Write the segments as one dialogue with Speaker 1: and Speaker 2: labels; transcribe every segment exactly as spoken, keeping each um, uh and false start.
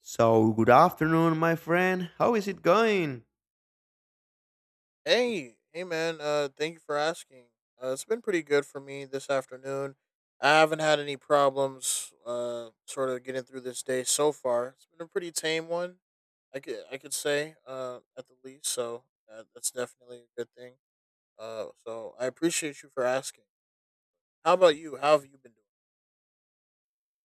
Speaker 1: So, good afternoon, my friend. How is it going?
Speaker 2: Hey, hey, man. Uh, thank you for asking. Uh, it's been pretty good for me this afternoon. I haven't had any problems. Uh, sort of getting through this day so far. It's been a pretty tame one, I could I could say. Uh, at the least. So uh, that's definitely a good thing. Uh, so I appreciate you for asking. How about you? How have you been doing?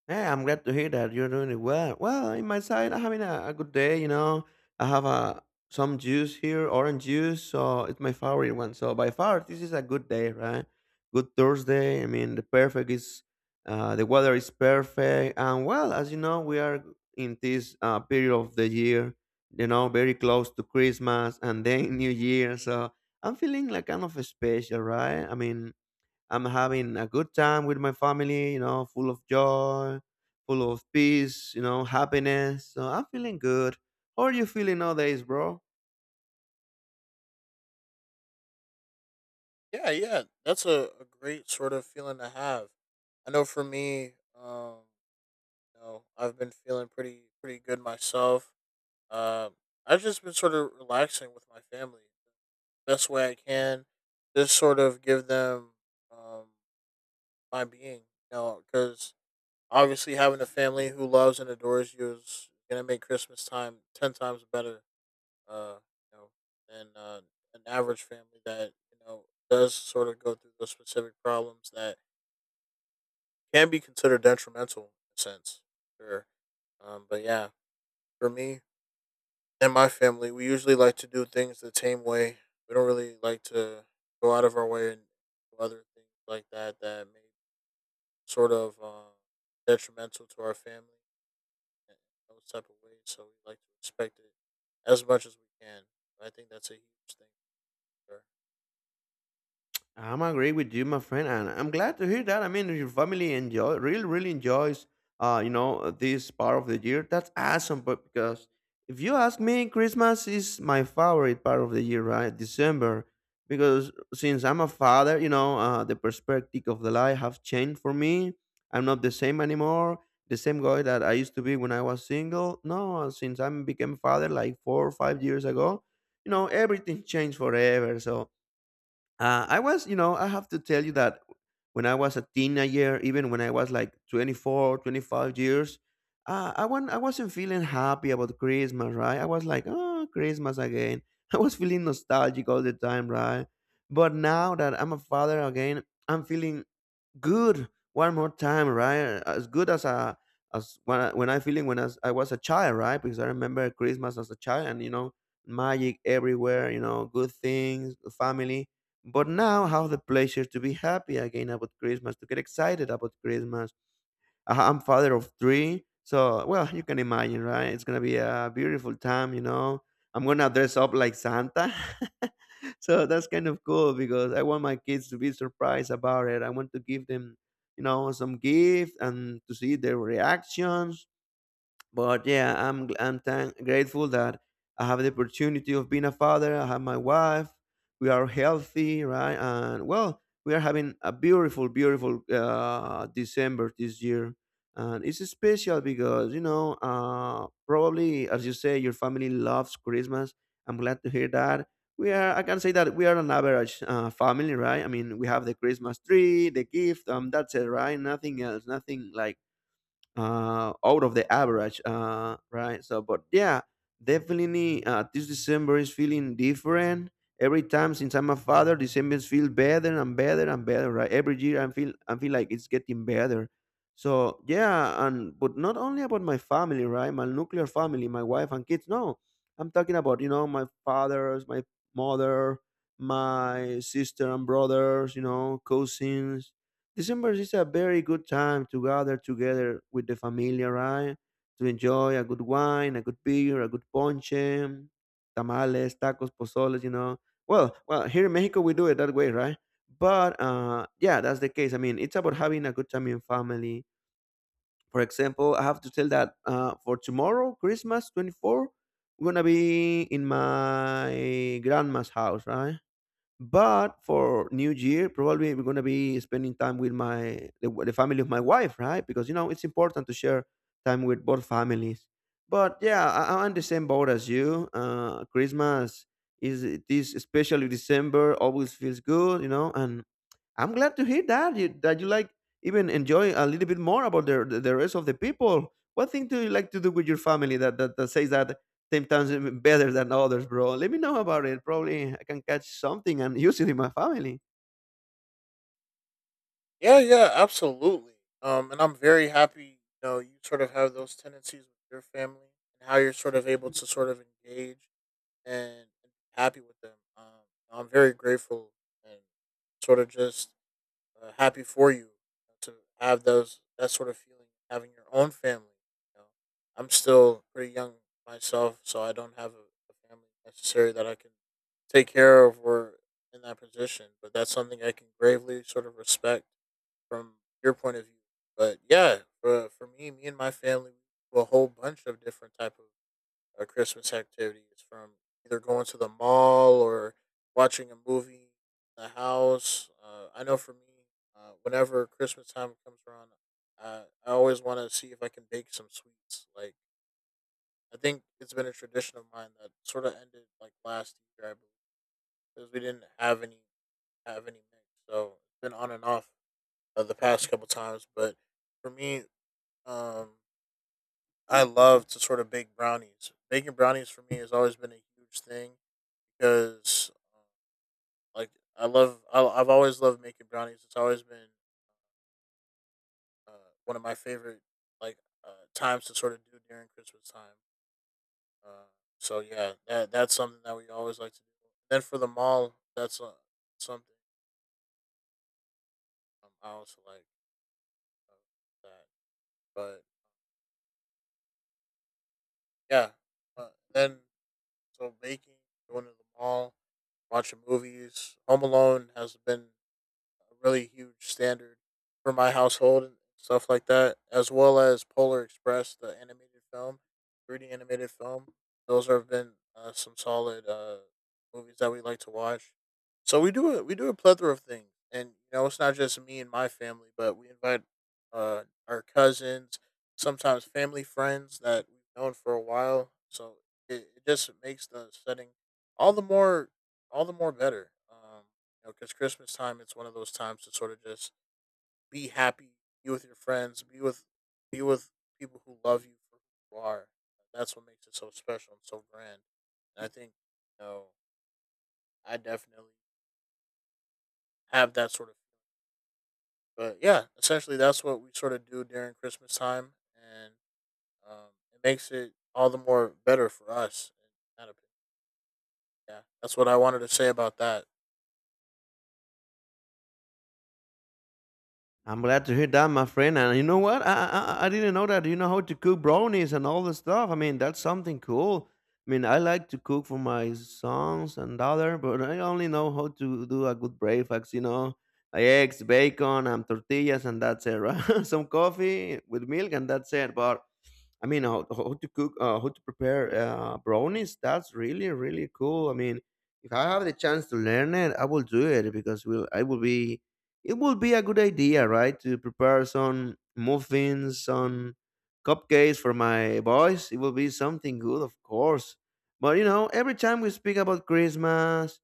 Speaker 1: Yeah, I'm glad to hear that you're doing it well. Well, in my side, I'm having a, a good day, you know. I have a, some juice here, orange juice, so it's my favorite one. So, by far, this is a good day, right? Good Thursday. I mean, the perfect is, uh, the weather is perfect. And, well, as you know, we are in this uh, period of the year, you know, very close to Christmas and then New Year. So, I'm feeling like kind of special, right? I mean, I'm having a good time with my family, you know, full of joy, full of peace, you know, happiness. So I'm feeling good. How are you feeling nowadays, bro?
Speaker 2: Yeah, yeah, that's a, a great sort of feeling to have. I know for me, um, you know, I've been feeling pretty pretty good myself. Um, I've just been sort of relaxing with my family the best way I can, just sort of give them um, my being, you know, because obviously having a family who loves and adores you is gonna make Christmas time ten times better, uh, you know, than uh, an average family that, you know, does sort of go through those specific problems that can be considered detrimental in a sense. Sure. Um, but yeah, for me, and my family, we usually like to do things the same way. We don't really like to go out of our way and do other things like that that may sort of uh, detrimental to our family in those type of ways. So we like to respect it as much as we can. I think that's a huge thing. For sure.
Speaker 1: I'm agree with you, my friend, and I'm glad to hear that. I mean, your family enjoy really, really enjoys, uh, you know, this part of the year. That's awesome, but because if you ask me, Christmas is my favorite part of the year, right? December, because since I'm a father, you know, uh, the perspective of the life have changed for me. I'm not the same anymore. The same guy that I used to be when I was single. No, since I became father like four or five years ago, you know, everything changed forever. So. Uh, I was, you know, I have to tell you that when I was a teenager, even when I was like twenty four, twenty five years, uh, I, went, I wasn't feeling happy about Christmas, right? I was like, oh, Christmas again. I was feeling nostalgic all the time, right? But now that I'm a father again, I'm feeling good one more time, right? As good as a as when I, when I feeling when I, was- I was a child, right? Because I remember Christmas as a child, and you know, magic everywhere, you know, good things, family. But now, have the pleasure to be happy again about Christmas, to get excited about Christmas, uh, I'm father of three, so well, you can imagine, right? It's gonna be a beautiful time, you know. I'm gonna dress up like Santa, so that's kind of cool because I want my kids to be surprised about it. I want to give them, you know, some gift and to see their reactions, but yeah, i'm i'm thank- grateful that I have the opportunity of being a father. I have my wife, we are healthy, right? And well, we are having a beautiful, beautiful uh, December this year, and it's special because, you know, uh, probably as you say, your family loves Christmas. I'm glad to hear that. We are, I can say that we are an average uh, family, right? I mean, we have the Christmas tree, the gift, um that's it, right? Nothing else, nothing like uh, out of the average, uh, right? So, but yeah, definitely uh, this December is feeling different. Every time since I'm a father, December feels better and better and better, right? Every year I feel I feel like it's getting better. So yeah, and but not only about my family, right? My nuclear family, my wife and kids. No, I'm talking about, you know, my fathers, my mother, my sister and brothers, you know, cousins, December is a very good time to gather together with the familia, right? To enjoy a good wine, a good beer, a good ponche, tamales, tacos, pozoles, you know. Well, well, here in Mexico we do it that way, right? But uh, yeah, that's the case. I mean, it's about having a good time in family. For example, I have to tell that uh, for tomorrow, Christmas twenty four, I am gonna be in my grandma's house, right? But for New Year, probably I'm gonna be spending time with my the, the family of my wife, right? Because you know it's important to share time with both families. But yeah, I, I'm on the same boat as you. Uh, Christmas is this, especially December, always feels good, you know, and I'm glad to hear that you, that you like even enjoy a little bit more about the the the rest of the people. What thing do you like to do with your family that that, that says that sometimes better than others, bro? Let me know about it. Probably I can catch something and use it in my family.
Speaker 2: Yeah, yeah, absolutely. Um, and I'm very happy. You know, you sort of have those tendencies with your family and how you're sort of able to sort of engage and, and happy with them. Um, I'm very grateful and sort of just uh, happy for you to have those, that sort of feeling, having your own family. You know, I'm still pretty young myself, so I don't have a, a family necessarily that I can take care of or in that position. But that's something I can gravely sort of respect from your point of view. But yeah, for, for me, me and my family, we do a whole bunch of different type of uh, Christmas activities, from either going to the mall or watching a movie in the house. Uh, I know for me, uh, whenever Christmas time comes around, uh, I always want to see if I can bake some sweets. Like, I think it's been a tradition of mine that sort of ended like last year, I believe, because we didn't have any have any mix, so it's been on and off uh, the past couple times. But for me, um, I love to sort of bake brownies. Baking brownies for me has always been a huge thing, because um, like, I love I, I've always loved making brownies. It's always been uh, one of my favorite, like, uh, times to sort of do during Christmas time. Uh, so yeah, that that's something that we always like to do. Then for the mall, that's uh, something, um, I also like uh, that. But yeah, uh, then so baking, going to the mall, watching movies. Home Alone has been a really huge standard for my household and stuff like that, as well as Polar Express, the animated film, three D animated film. Those have been uh, some solid uh, movies that we like to watch. So we do a, we do a plethora of things, and you know, it's not just me and my family, but we invite uh, our cousins, sometimes family friends that we've known for a while. So it, it just makes the setting all the more all the more better. Um, you know, because Christmas time, it's one of those times to sort of just be happy, be with your friends, be with be with people who love you for who you are. That's what makes it so special and so grand. And I think, you know, I definitely have that sort of feeling. But yeah, essentially, that's what we sort of do during Christmas time, and um, it makes it all the more better for us, in that opinion. Yeah, that's what I wanted to say about that.
Speaker 1: I'm glad to hear that, my friend. And you know what? I, I I didn't know that. You know how to cook brownies and all the stuff. I mean, that's something cool. I mean, I like to cook for my sons and daughter, but I only know how to do a good breakfast. You know, like eggs, bacon, and tortillas, and that's it. Right? Some coffee with milk, and that's it. But I mean, how, how to cook, uh, how to prepare uh, brownies. That's really, really cool. I mean, if I have the chance to learn it, I will do it because will I will be, it will be a good idea, right? To prepare some muffins, some cupcakes for my boys. It will be something good, of course. But you know, every time we speak about Christmas,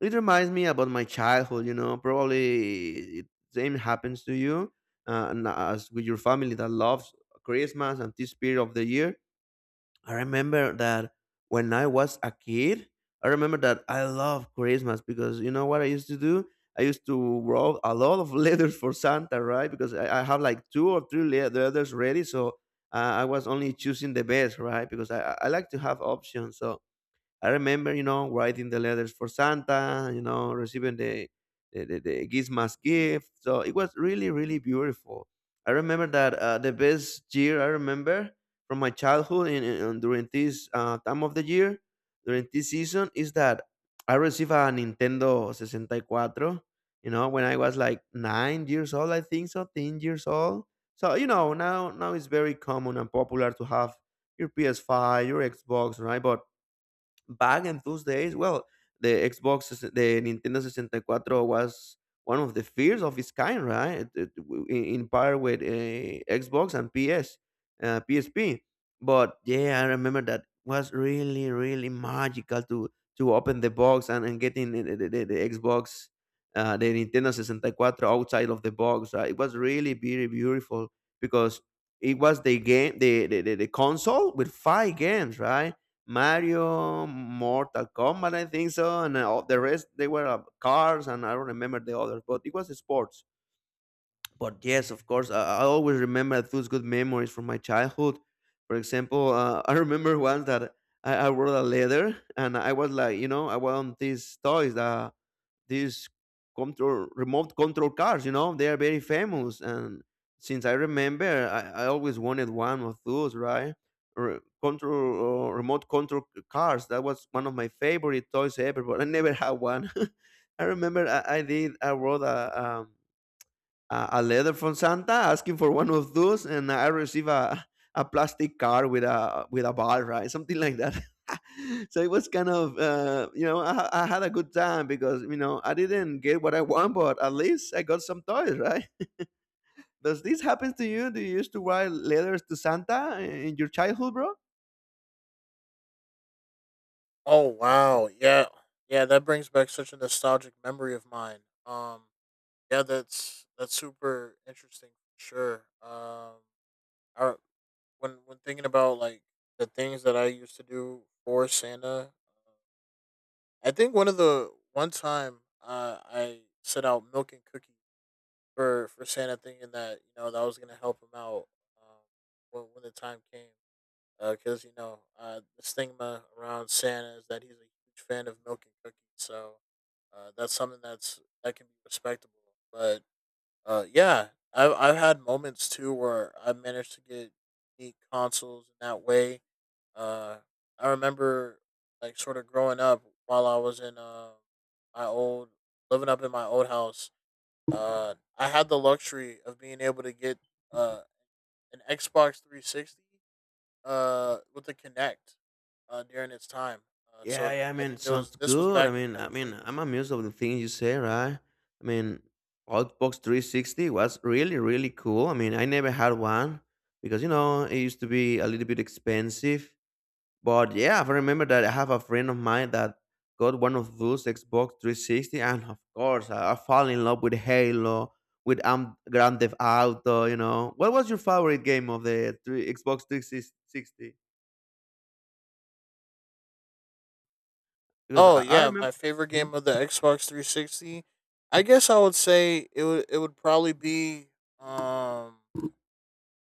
Speaker 1: it reminds me about my childhood. You know, probably it, same happens to you uh, and as with your family that loves Christmas and this period of the year. I remember that when I was a kid, I remember that I love Christmas because you know what I used to do? I used to write a lot of letters for Santa, right? Because I, I have like two or three le- letters ready. So uh, I was only choosing the best, right? Because I, I I like to have options. So I remember, you know, writing the letters for Santa, you know, receiving the the, the, the Gizmas gift. So it was really, really beautiful. I remember that uh, the best year I remember from my childhood in, in, in- during this uh, time of the year, during this season, is that I received a Nintendo sixty-four, you know, when I was like nine years old, I think so, ten years old. So, you know, now now it's very common and popular to have your P S five, your Xbox, right? But back in those days, well, the Xbox, s- the Nintendo sixty-four was one of the first of its kind, right? It- it w- In in par with uh, Xbox and P S, uh, P S P. But yeah, I remember that was really, really magical to to open the box and, and getting the, the, the the Xbox, uh, the Nintendo sixty-four outside of the box. Right? It was really very beautiful because it was the game, the, the, the the console with five games, right? Mario, Mortal Kombat, I think so, and uh, all the rest they were uh, cars, and I don't remember the others, but it was sports. But yes, of course, I, I always remember those good memories from my childhood. For example, uh, I remember once that I, I wrote a letter, and I was like, you know, I want these toys that these control remote control cars, you know, they are very famous. And since I remember, i, I always wanted one of those, right? Re- control uh, Remote control cars, that was one of my favorite toys ever, but I never had one. I remember i, I did i wrote a um, a, a letter from Santa asking for one of those, and I received a, a plastic card with a with a ball, right? Something like that. So it was kind of uh, you know, I, I had a good time because you know I didn't get what I want, but at least I got some toys, right? Does this happen to you? Do you used to write letters to Santa in your childhood, bro?
Speaker 2: Oh wow, yeah, yeah, that brings back such a nostalgic memory of mine. Um, Yeah, that's that's super interesting for sure. Um, I when when thinking about like the things that I used to do for Santa, uh, I think one of the one time uh, I set out milk and cookies for for Santa, thinking that, you know, that was gonna help him out um, when when the time came, because, you know, uh, the stigma around Santa is that he's a huge fan of milk and cookies, so uh, that's something that's that can be respectable, but uh, yeah, I've I've had moments too where I managed to get neat consoles in that way. Uh, I remember like sort of growing up while I was in uh, my old living up in my old house. Uh, I had the luxury of being able to get uh an Xbox three sixty uh with the Kinect uh during its time. Uh,
Speaker 1: Yeah,
Speaker 2: so
Speaker 1: yeah. I
Speaker 2: I
Speaker 1: mean,
Speaker 2: think there was
Speaker 1: sounds
Speaker 2: this was
Speaker 1: good. I
Speaker 2: back in
Speaker 1: mean,
Speaker 2: like
Speaker 1: I
Speaker 2: twenty.
Speaker 1: mean, I'm amused of the things you say, right? I mean, Outbox three sixty was really, really cool. I mean, I never had one because you know it used to be a little bit expensive. But yeah, I remember that I have a friend of mine that got one of those Xbox three sixty, and of course, I, I fall in love with Halo, with um, Grand Theft Auto. You know, what was your favorite game of the three, Xbox three sixty? Because I,
Speaker 2: Oh
Speaker 1: I
Speaker 2: yeah, my
Speaker 1: remember.
Speaker 2: favorite game of the Xbox three sixty. I guess I would say it would it would probably be um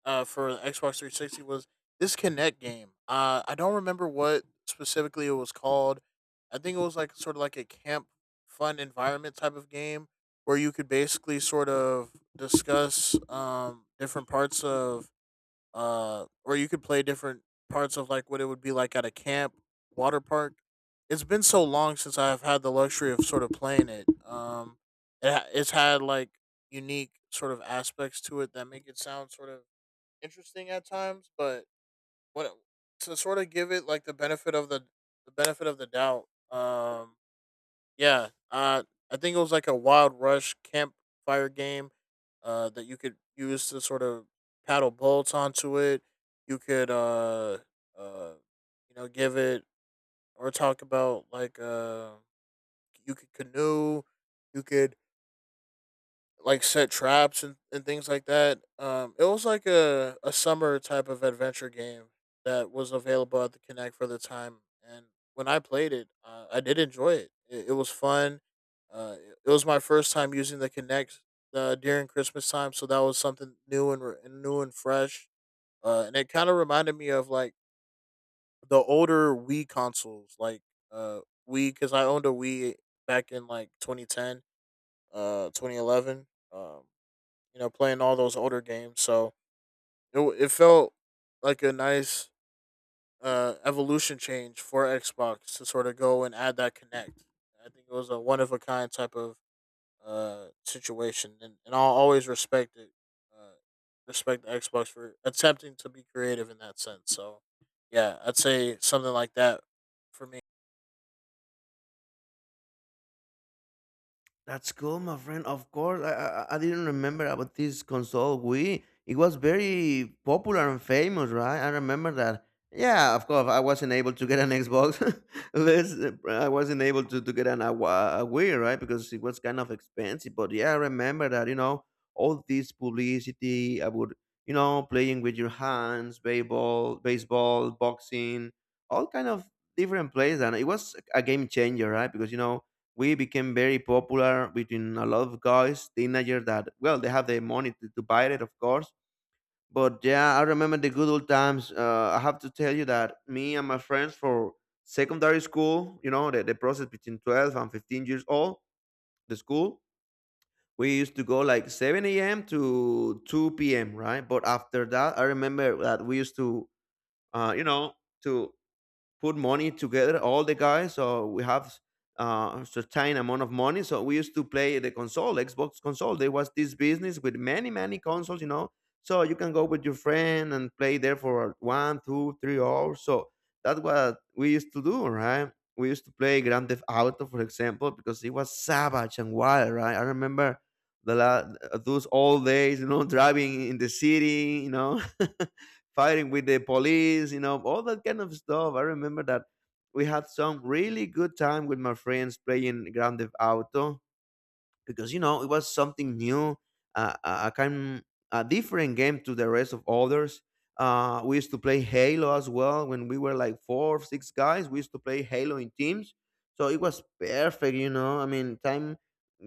Speaker 2: uh for the Xbox three sixty was this Kinect game. Uh I don't remember what specifically it was called. I think it was like sort of like a camp fun environment type of game where you could basically sort of discuss um different parts of uh, or you could play different parts of like what it would be like at a camp, water park. It's been so long since I've had the luxury of sort of playing it. Um, it ha- it's had like unique sort of aspects to it that make it sound sort of interesting at times, but what to sort of give it like the benefit of the the benefit of the doubt. Um, yeah, uh, I think it was like a Wild Rush campfire game uh, that you could use to sort of paddle boats onto it. You could, uh, uh, you know, give it or talk about like, uh, you could canoe. You could, like, set traps and, and things like that. Um, it was like a, a summer type of adventure game that was available at the Connect for the time. And when I played it, uh, I did enjoy it. It, it was fun. Uh, it, it was my first time using the Connect uh, during Christmas time, so that was something new and, re- and new and fresh. Uh, and it kind of reminded me of like the older Wii consoles, like uh, Wii, because I owned a Wii back in like twenty ten, uh, twenty eleven. Um, you know, playing all those older games. So it w- it felt like a nice uh, evolution change for Xbox to sort of go and add that connect. I think it was a one of a kind type of uh, situation, and, and I'll always respect it. Uh, Respect the Xbox for attempting to be creative in that sense. So, yeah, I'd say something like that for me.
Speaker 1: That's cool, my friend. Of course, I, I I didn't remember about this console Wii. It was very popular and famous, right? I remember that. Yeah, of course, I wasn't able to get an Xbox. Let's, I wasn't able to, to get an a, Wa- a Wii, right? Because it was kind of expensive. But yeah, I remember that. You know, all this publicity about you know playing with your hands, baseball, baseball, boxing, all kind of different plays, and it was a game changer, right? Because you know we became very popular between a lot of guys, teenager that well they have the money to, to buy it, of course. But yeah, I remember the good old times. Uh, I have to tell you that me and my friends for secondary school, you know, the, the process between twelve and fifteen years old, the school, we used to go like seven a m to two p m, right? But after that, I remember that we used to, uh, you know, to put money together, all the guys. So we have uh, a certain amount of money. So we used to play the console, Xbox console. There was this business with many, many consoles, you know. So you can go with your friend and play there for one, two, three hours. So that's what we used to do, right? We used to play Grand Theft Auto, for example, because it was savage and wild, right? I remember the la- those old days, you know, driving in the city, you know. Fighting with the police, you know, all that kind of stuff. I remember that we had some really good time with my friends playing Grand Theft Auto because you know it was something new, uh, a a kind a different game to the rest of others. Uh, we used to play Halo as well when we were like four or six guys. We used to play Halo in teams, so it was perfect, you know. I mean, time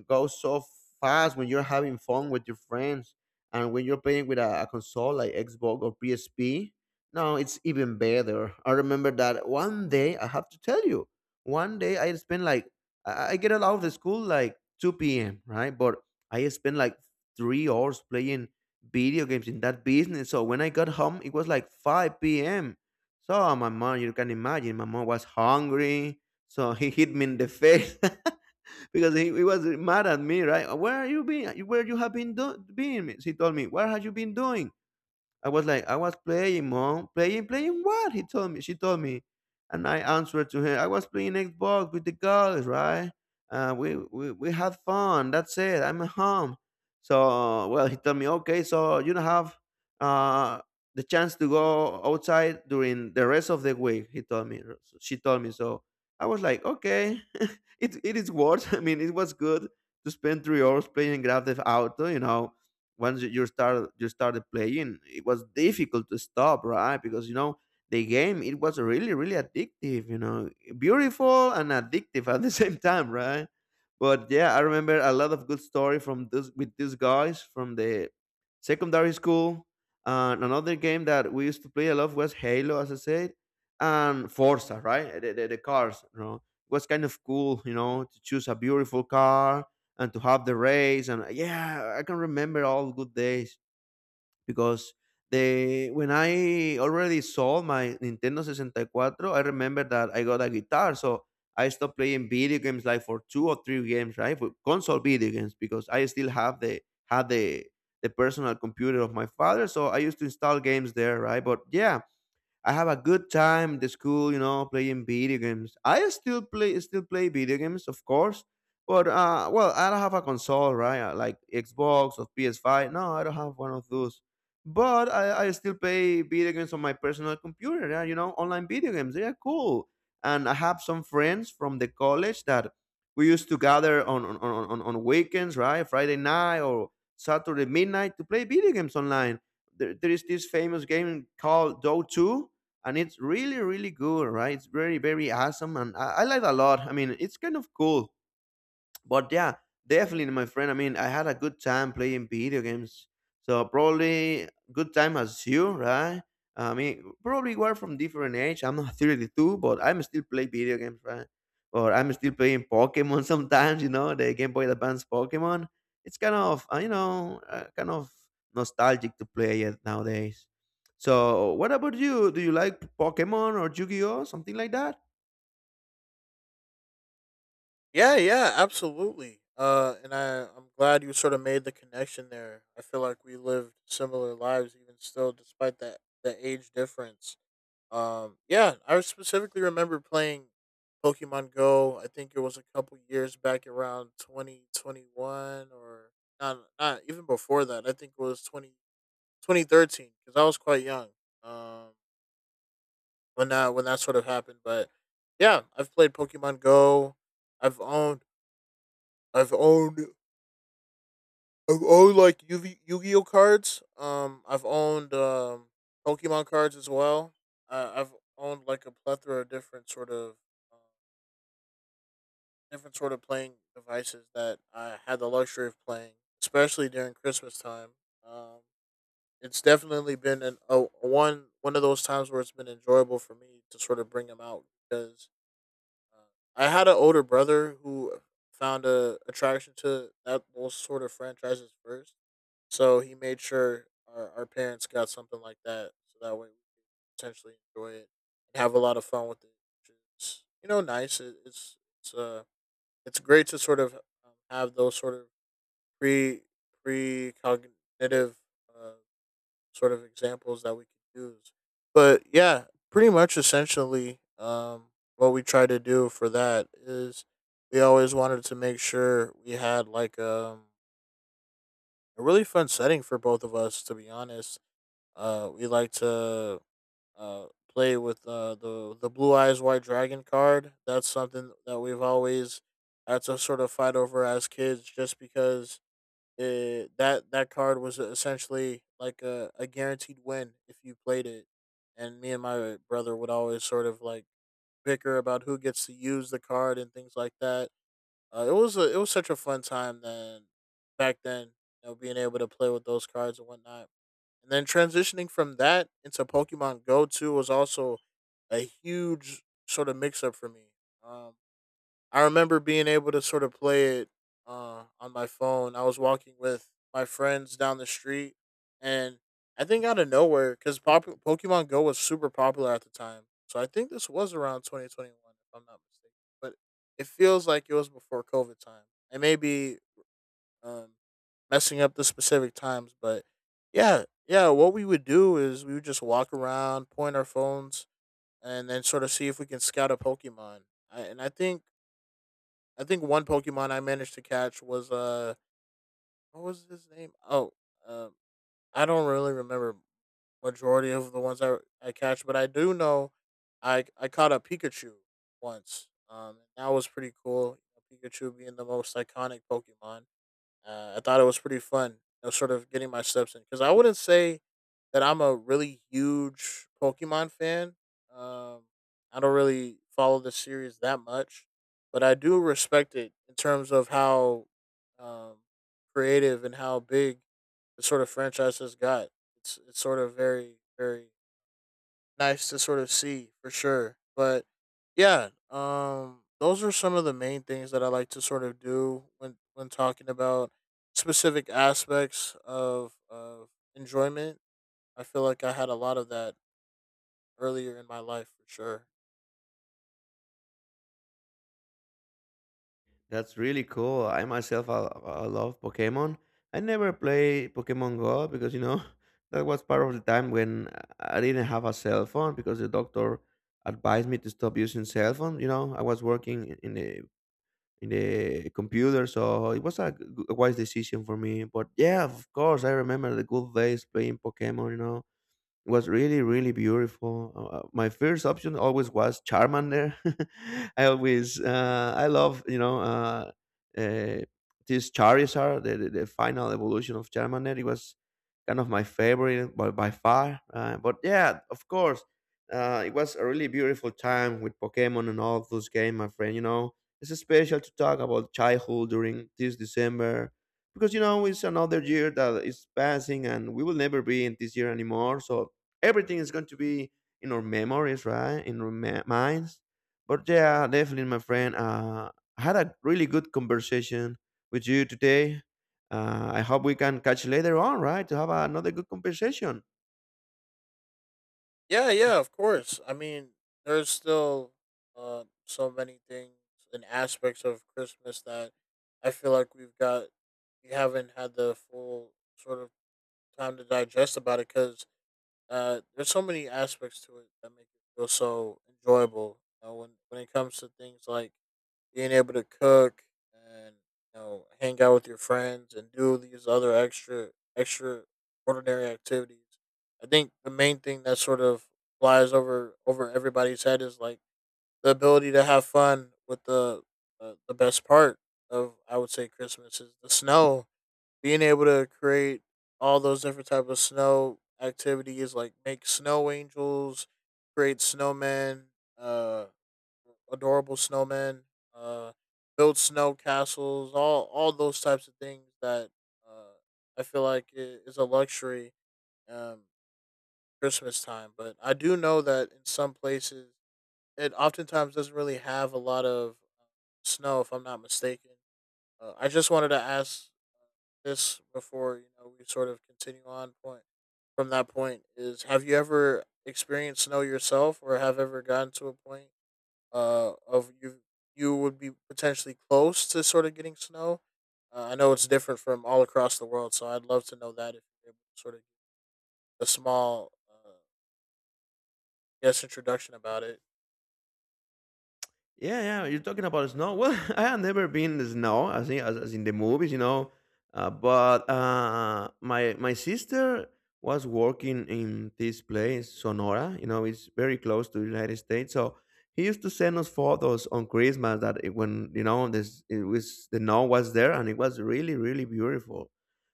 Speaker 1: goes so fast when you're having fun with your friends and when you're playing with a, a console like Xbox or P S P. No, it's even better. I remember that one day, I have to tell you, one day I spent like, I I get out of the school like two p m, right? But I spent like three hours playing video games in that business. So when I got home, it was like five p m. So my mom, you can imagine, my mom was hungry. So he hit me in the face. Because he, he was mad at me, right? Where are you been? Where you have been doing? He told me, "Where have you been doing?" I was like, I was playing, mom. Playing, playing what? He told me. She told me, and I answered to her. I was playing Xbox with the girls, right? Uh, we, we we had fun. That's it. I'm at home. So well, he told me, okay, so you don't have uh the chance to go outside during the rest of the week. He told me. So she told me. So I was like, okay, it it is worth. I mean, it was good to spend three hours playing Grand Theft Auto. You know, once you you start you started playing it was difficult to stop, right? Because you know the game it was really really addictive, you know beautiful and addictive at the same time, right? But yeah, I remember a lot of good story from this with these guys from the secondary school, and another game that we used to play a lot was Halo, as I said, and Forza, right? The, the, the cars, you know, it was kind of cool, you know, to choose a beautiful car and to have the race. And yeah, I can remember all good days. Because the when I already sold my Nintendo sixty-four, I remember that I got a guitar, so I stopped playing video games like for two or three games, right? For console video games, because I still have the had the the personal computer of my father, so I used to install games there, right? But yeah, I have a good time at the school, you know, playing video games. I still play still play video games, of course, but uh, well, I don't have a console, right? uh, Like Xbox or P S five. No, I don't have one of those. But I, I still play video games on my personal computer. Yeah, you know, online video games. They are cool, and I have some friends from the college that we used to gather on on, on, on on weekends, right? Friday night or Saturday midnight to play video games online. There, there is this famous game called Dota two, and it's really really good, right? It's very very awesome, and i, I like it a lot. I mean, it's kind of cool. But yeah, definitely, my friend. I mean, I had a good time playing video games. So probably good time as you, right? I mean, probably we're from different age. I'm not thirty-two, but I'm still play video games, right? Or I'm still playing Pokemon sometimes. You know, the Game Boy Advance Pokemon. It's kind of uh, you know uh, kind of nostalgic to play it nowadays. So, what about you? Do you like Pokemon or Yu-Gi-Oh, something like that?
Speaker 2: Yeah, yeah, absolutely. Uh, and I, I'm glad you sort of made the connection there. I feel like we lived similar lives, even still, despite that the age difference. Um, yeah, I specifically remember playing Pokemon Go. I think it was a couple years back, around twenty twenty-one, or not, not even before that. I think it was twenty twenty thirteen, because I was quite young. Um, when that when that sort of happened, but yeah, I've played Pokemon Go. I've owned I've owned Oh, oh, like Yu Yu Gi Oh cards. Um, I've owned um Pokemon cards as well. Uh, I've owned like a plethora of different sort of uh, different sort of playing devices that I had the luxury of playing, especially during Christmas time. Um, it's definitely been an a, a one one of those times where it's been enjoyable for me to sort of bring them out, because uh, I had an older brother who found a attraction to that those sort of franchises first, so he made sure our, our parents got something like that, so that way we could potentially enjoy it and have a lot of fun with it. Which is, you know, nice. It, it's it's uh it's great to sort of um, have those sort of pre pre cognitive uh, sort of examples that we could use. But yeah, pretty much essentially, um, what we try to do for that is we always wanted to make sure we had like um a really fun setting for both of us, to be honest. Uh, we like to uh, play with uh, the the blue eyes white dragon card. That's something that we've always had to sort of fight over as kids, just because it, that that card was essentially like a, a guaranteed win if you played it. And me and my brother would always sort of like bicker about who gets to use the card and things like that. Uh, it was a, it was such a fun time then back then, you know, being able to play with those cards and whatnot. And then transitioning from that into Pokemon Go two was also a huge sort of mix up for me. Um, I remember being able to sort of play it uh, on my phone. I was walking with my friends down the street, and I think out of nowhere, because pop- Pokemon Go was super popular at the time. So I think this was around twenty twenty-one, if I'm not mistaken. But it feels like it was before COVID time. It may be um, messing up the specific times. But yeah, yeah, what we would do is we would just walk around, point our phones, and then sort of see if we can scout a Pokemon. I, and I think I think one Pokemon I managed to catch was uh what was his name? Oh, um, I don't really remember majority of the ones I I catch, but I do know I I caught a Pikachu once. Um, and that was pretty cool. Pikachu being the most iconic Pokemon, uh, I thought it was pretty fun, you know, sort of getting my steps in because I wouldn't say that I'm a really huge Pokemon fan. Um, I don't really follow the series that much, but I do respect it in terms of how um, creative and how big the sort of franchise has got. It's it's sort of very, very nice to sort of see for sure. But yeah, um, those are some of the main things that I like to sort of do when when talking about specific aspects of of enjoyment. I feel like I had a lot of that earlier in my life for sure.
Speaker 1: That's really cool. I myself, I, I love Pokemon. I never play Pokemon Go because you know that was part of the time when I didn't have a cell phone because the doctor advised me to stop using cell phone. You know, I was working in in the in the computer, so it was a, g- a wise decision for me. But yeah, of course, I remember the good days playing Pokemon. You know, it was really really beautiful. Uh, uh, my first option always was Charmander. I always uh, I love you know uh, uh, this Charizard, the, the, the final evolution of Charmander. It was kind of my favorite by, by far. Uh, but yeah, of course, uh, it was a really beautiful time with Pokemon and all those games, my friend. You know, it's special to talk about childhood during this December because you know it's another year that is passing and we will never be in this year anymore, so everything is going to be in our memories, right? In our ma- minds. But yeah, definitely, my friend. Uh, I had a really good conversation with you today. Uh, I hope we can catch later on, right? To have another good conversation.
Speaker 2: Yeah, yeah, of course. I mean, there's still uh, so many things and aspects of Christmas that I feel like we've got we haven't had the full sort of time to digest about it, because Uh, there's so many aspects to it that make it feel so enjoyable. You know, when when it comes to things like being able to cook and you know hang out with your friends and do these other extra extra ordinary activities. I think the main thing that sort of flies over over everybody's head is like the ability to have fun with the, uh, the best part of, I would say, Christmas is the snow, being able to create all those different type of snow activities, like make snow angels, create snowmen, uh adorable snowmen, uh build snow castles, all all those types of things that, uh I feel like i- is a luxury um Christmas time. But I do know that in some places it oftentimes doesn't really have a lot of uh, snow, if I'm not mistaken. uh, I just wanted to ask this before, you know, we sort of continue on point from that point, is have you ever experienced snow yourself, or have ever gotten to a point uh of you you would be potentially close to sort of getting snow. uh, I know it's different from all across the world, so I'd love to know that if you're able to sort of give a small uh, guess introduction about it.
Speaker 1: Yeah, yeah, you're talking about snow. Well, I have never been in the snow, as in, as, as in the movies, you know. Uh, but uh, My my sister was working in this place, Sonora. You know, it's very close to the United States. So he used to send us photos on Christmas that it, when you know this, it was the snow was there, and it was really, really beautiful.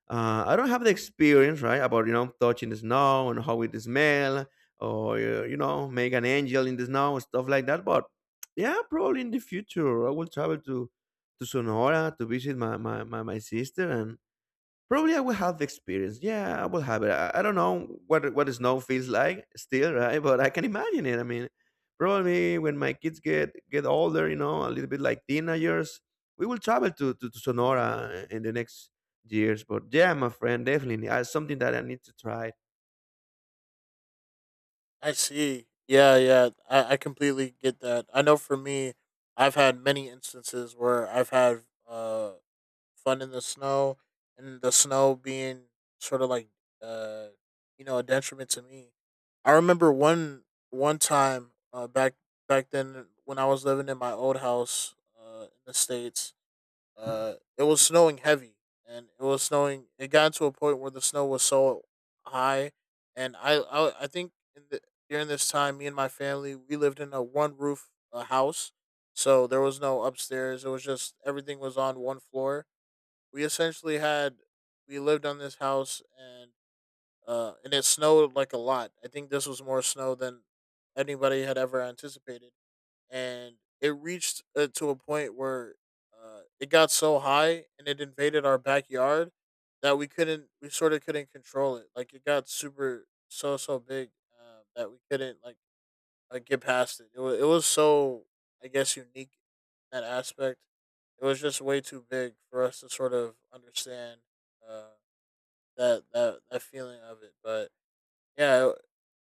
Speaker 1: Uh, I don't have the experience, right, about you know touching the snow and how it smell, or uh, you know make an angel in the snow, stuff like that, but yeah, probably in the future I will travel to to Sonora to visit my my my, my sister, and probably I will have the experience. Yeah, I will have it. I, I don't know what what the snow feels like still, right? But I can imagine it. I mean, probably when my kids get get older, you know, a little bit like teenagers, we will travel to to, to Sonora in the next years. But yeah, my friend, definitely uh, something that I need to try.
Speaker 2: I see. Yeah, yeah, I, I completely get that. I know for me, I've had many instances where I've had uh fun in the snow, and the snow being sort of like, uh you know, a detriment to me. I remember one one time uh, back back then when I was living in my old house uh, in the states, uh, it was snowing heavy, and it was snowing. It got to a point where the snow was so high, and I I, I think in the, during this time, me and my family, we lived in a one roof uh, house, so there was no upstairs. It was just, everything was on one floor. We essentially had, we lived on this house, and uh and it snowed like a lot. I think this was more snow than anybody had ever anticipated, and it reached, uh, to a point where, uh, it got so high and it invaded our backyard, that we couldn't, we sort of couldn't control it. Like it got super, so so big, uh, that we couldn't, like, like get past it. It was it was so, I guess, unique in that aspect. It was just way too big for us to sort of understand, uh, that that that feeling of it. But yeah,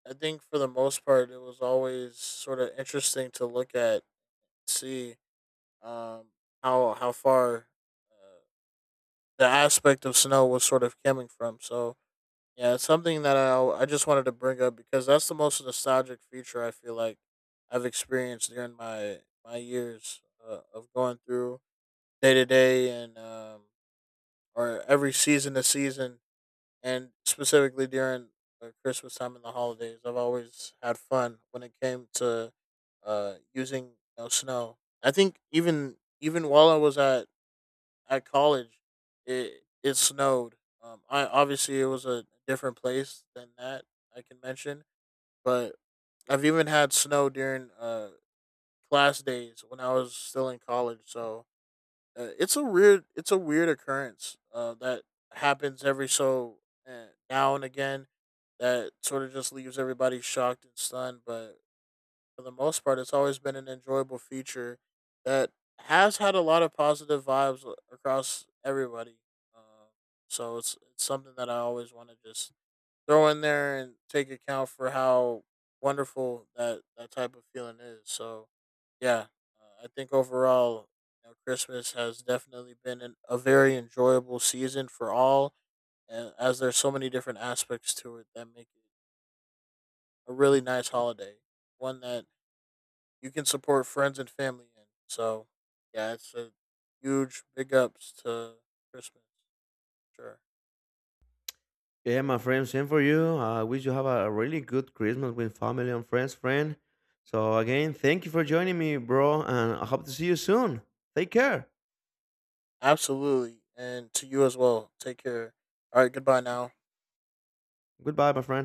Speaker 2: I I think for the most part, it was always sort of interesting to look at, see um, how how far uh, the aspect of snow was sort of coming from. So yeah, it's something that I I just wanted to bring up, because that's the most nostalgic feature I feel like I've experienced during my my years uh, of going through day to day, and um or every season to season, and specifically during uh, Christmas time and the holidays. I've always had fun when it came to uh using, you know, snow. I think even even while I was at at college, it it snowed. Um, I, obviously it was a different place than that I can mention, but I've even had snow during uh class days when I was still in college. So uh, it's a weird, it's a weird occurrence uh, that happens every so, uh, now and again, that sort of just leaves everybody shocked and stunned. But for the most part, it's always been an enjoyable feature that has had a lot of positive vibes a- across everybody. Uh, so it's it's something that I always want to just throw in there and take account for how wonderful that that type of feeling is. So yeah, uh, I think overall, you know, Christmas has definitely been an, a very enjoyable season for all, and as there's so many different aspects to it that make it a really nice holiday, one that you can support friends and family in. So yeah, it's a huge big ups to Christmas. Sure.
Speaker 1: Yeah, my friend, same for you. I wish you have a really good Christmas with family and friends, friend. So, again, thank you for joining me, bro, and I hope to see you soon. Take care.
Speaker 2: Absolutely. And to you as well. Take care. All right, goodbye now.
Speaker 1: Goodbye, my friend.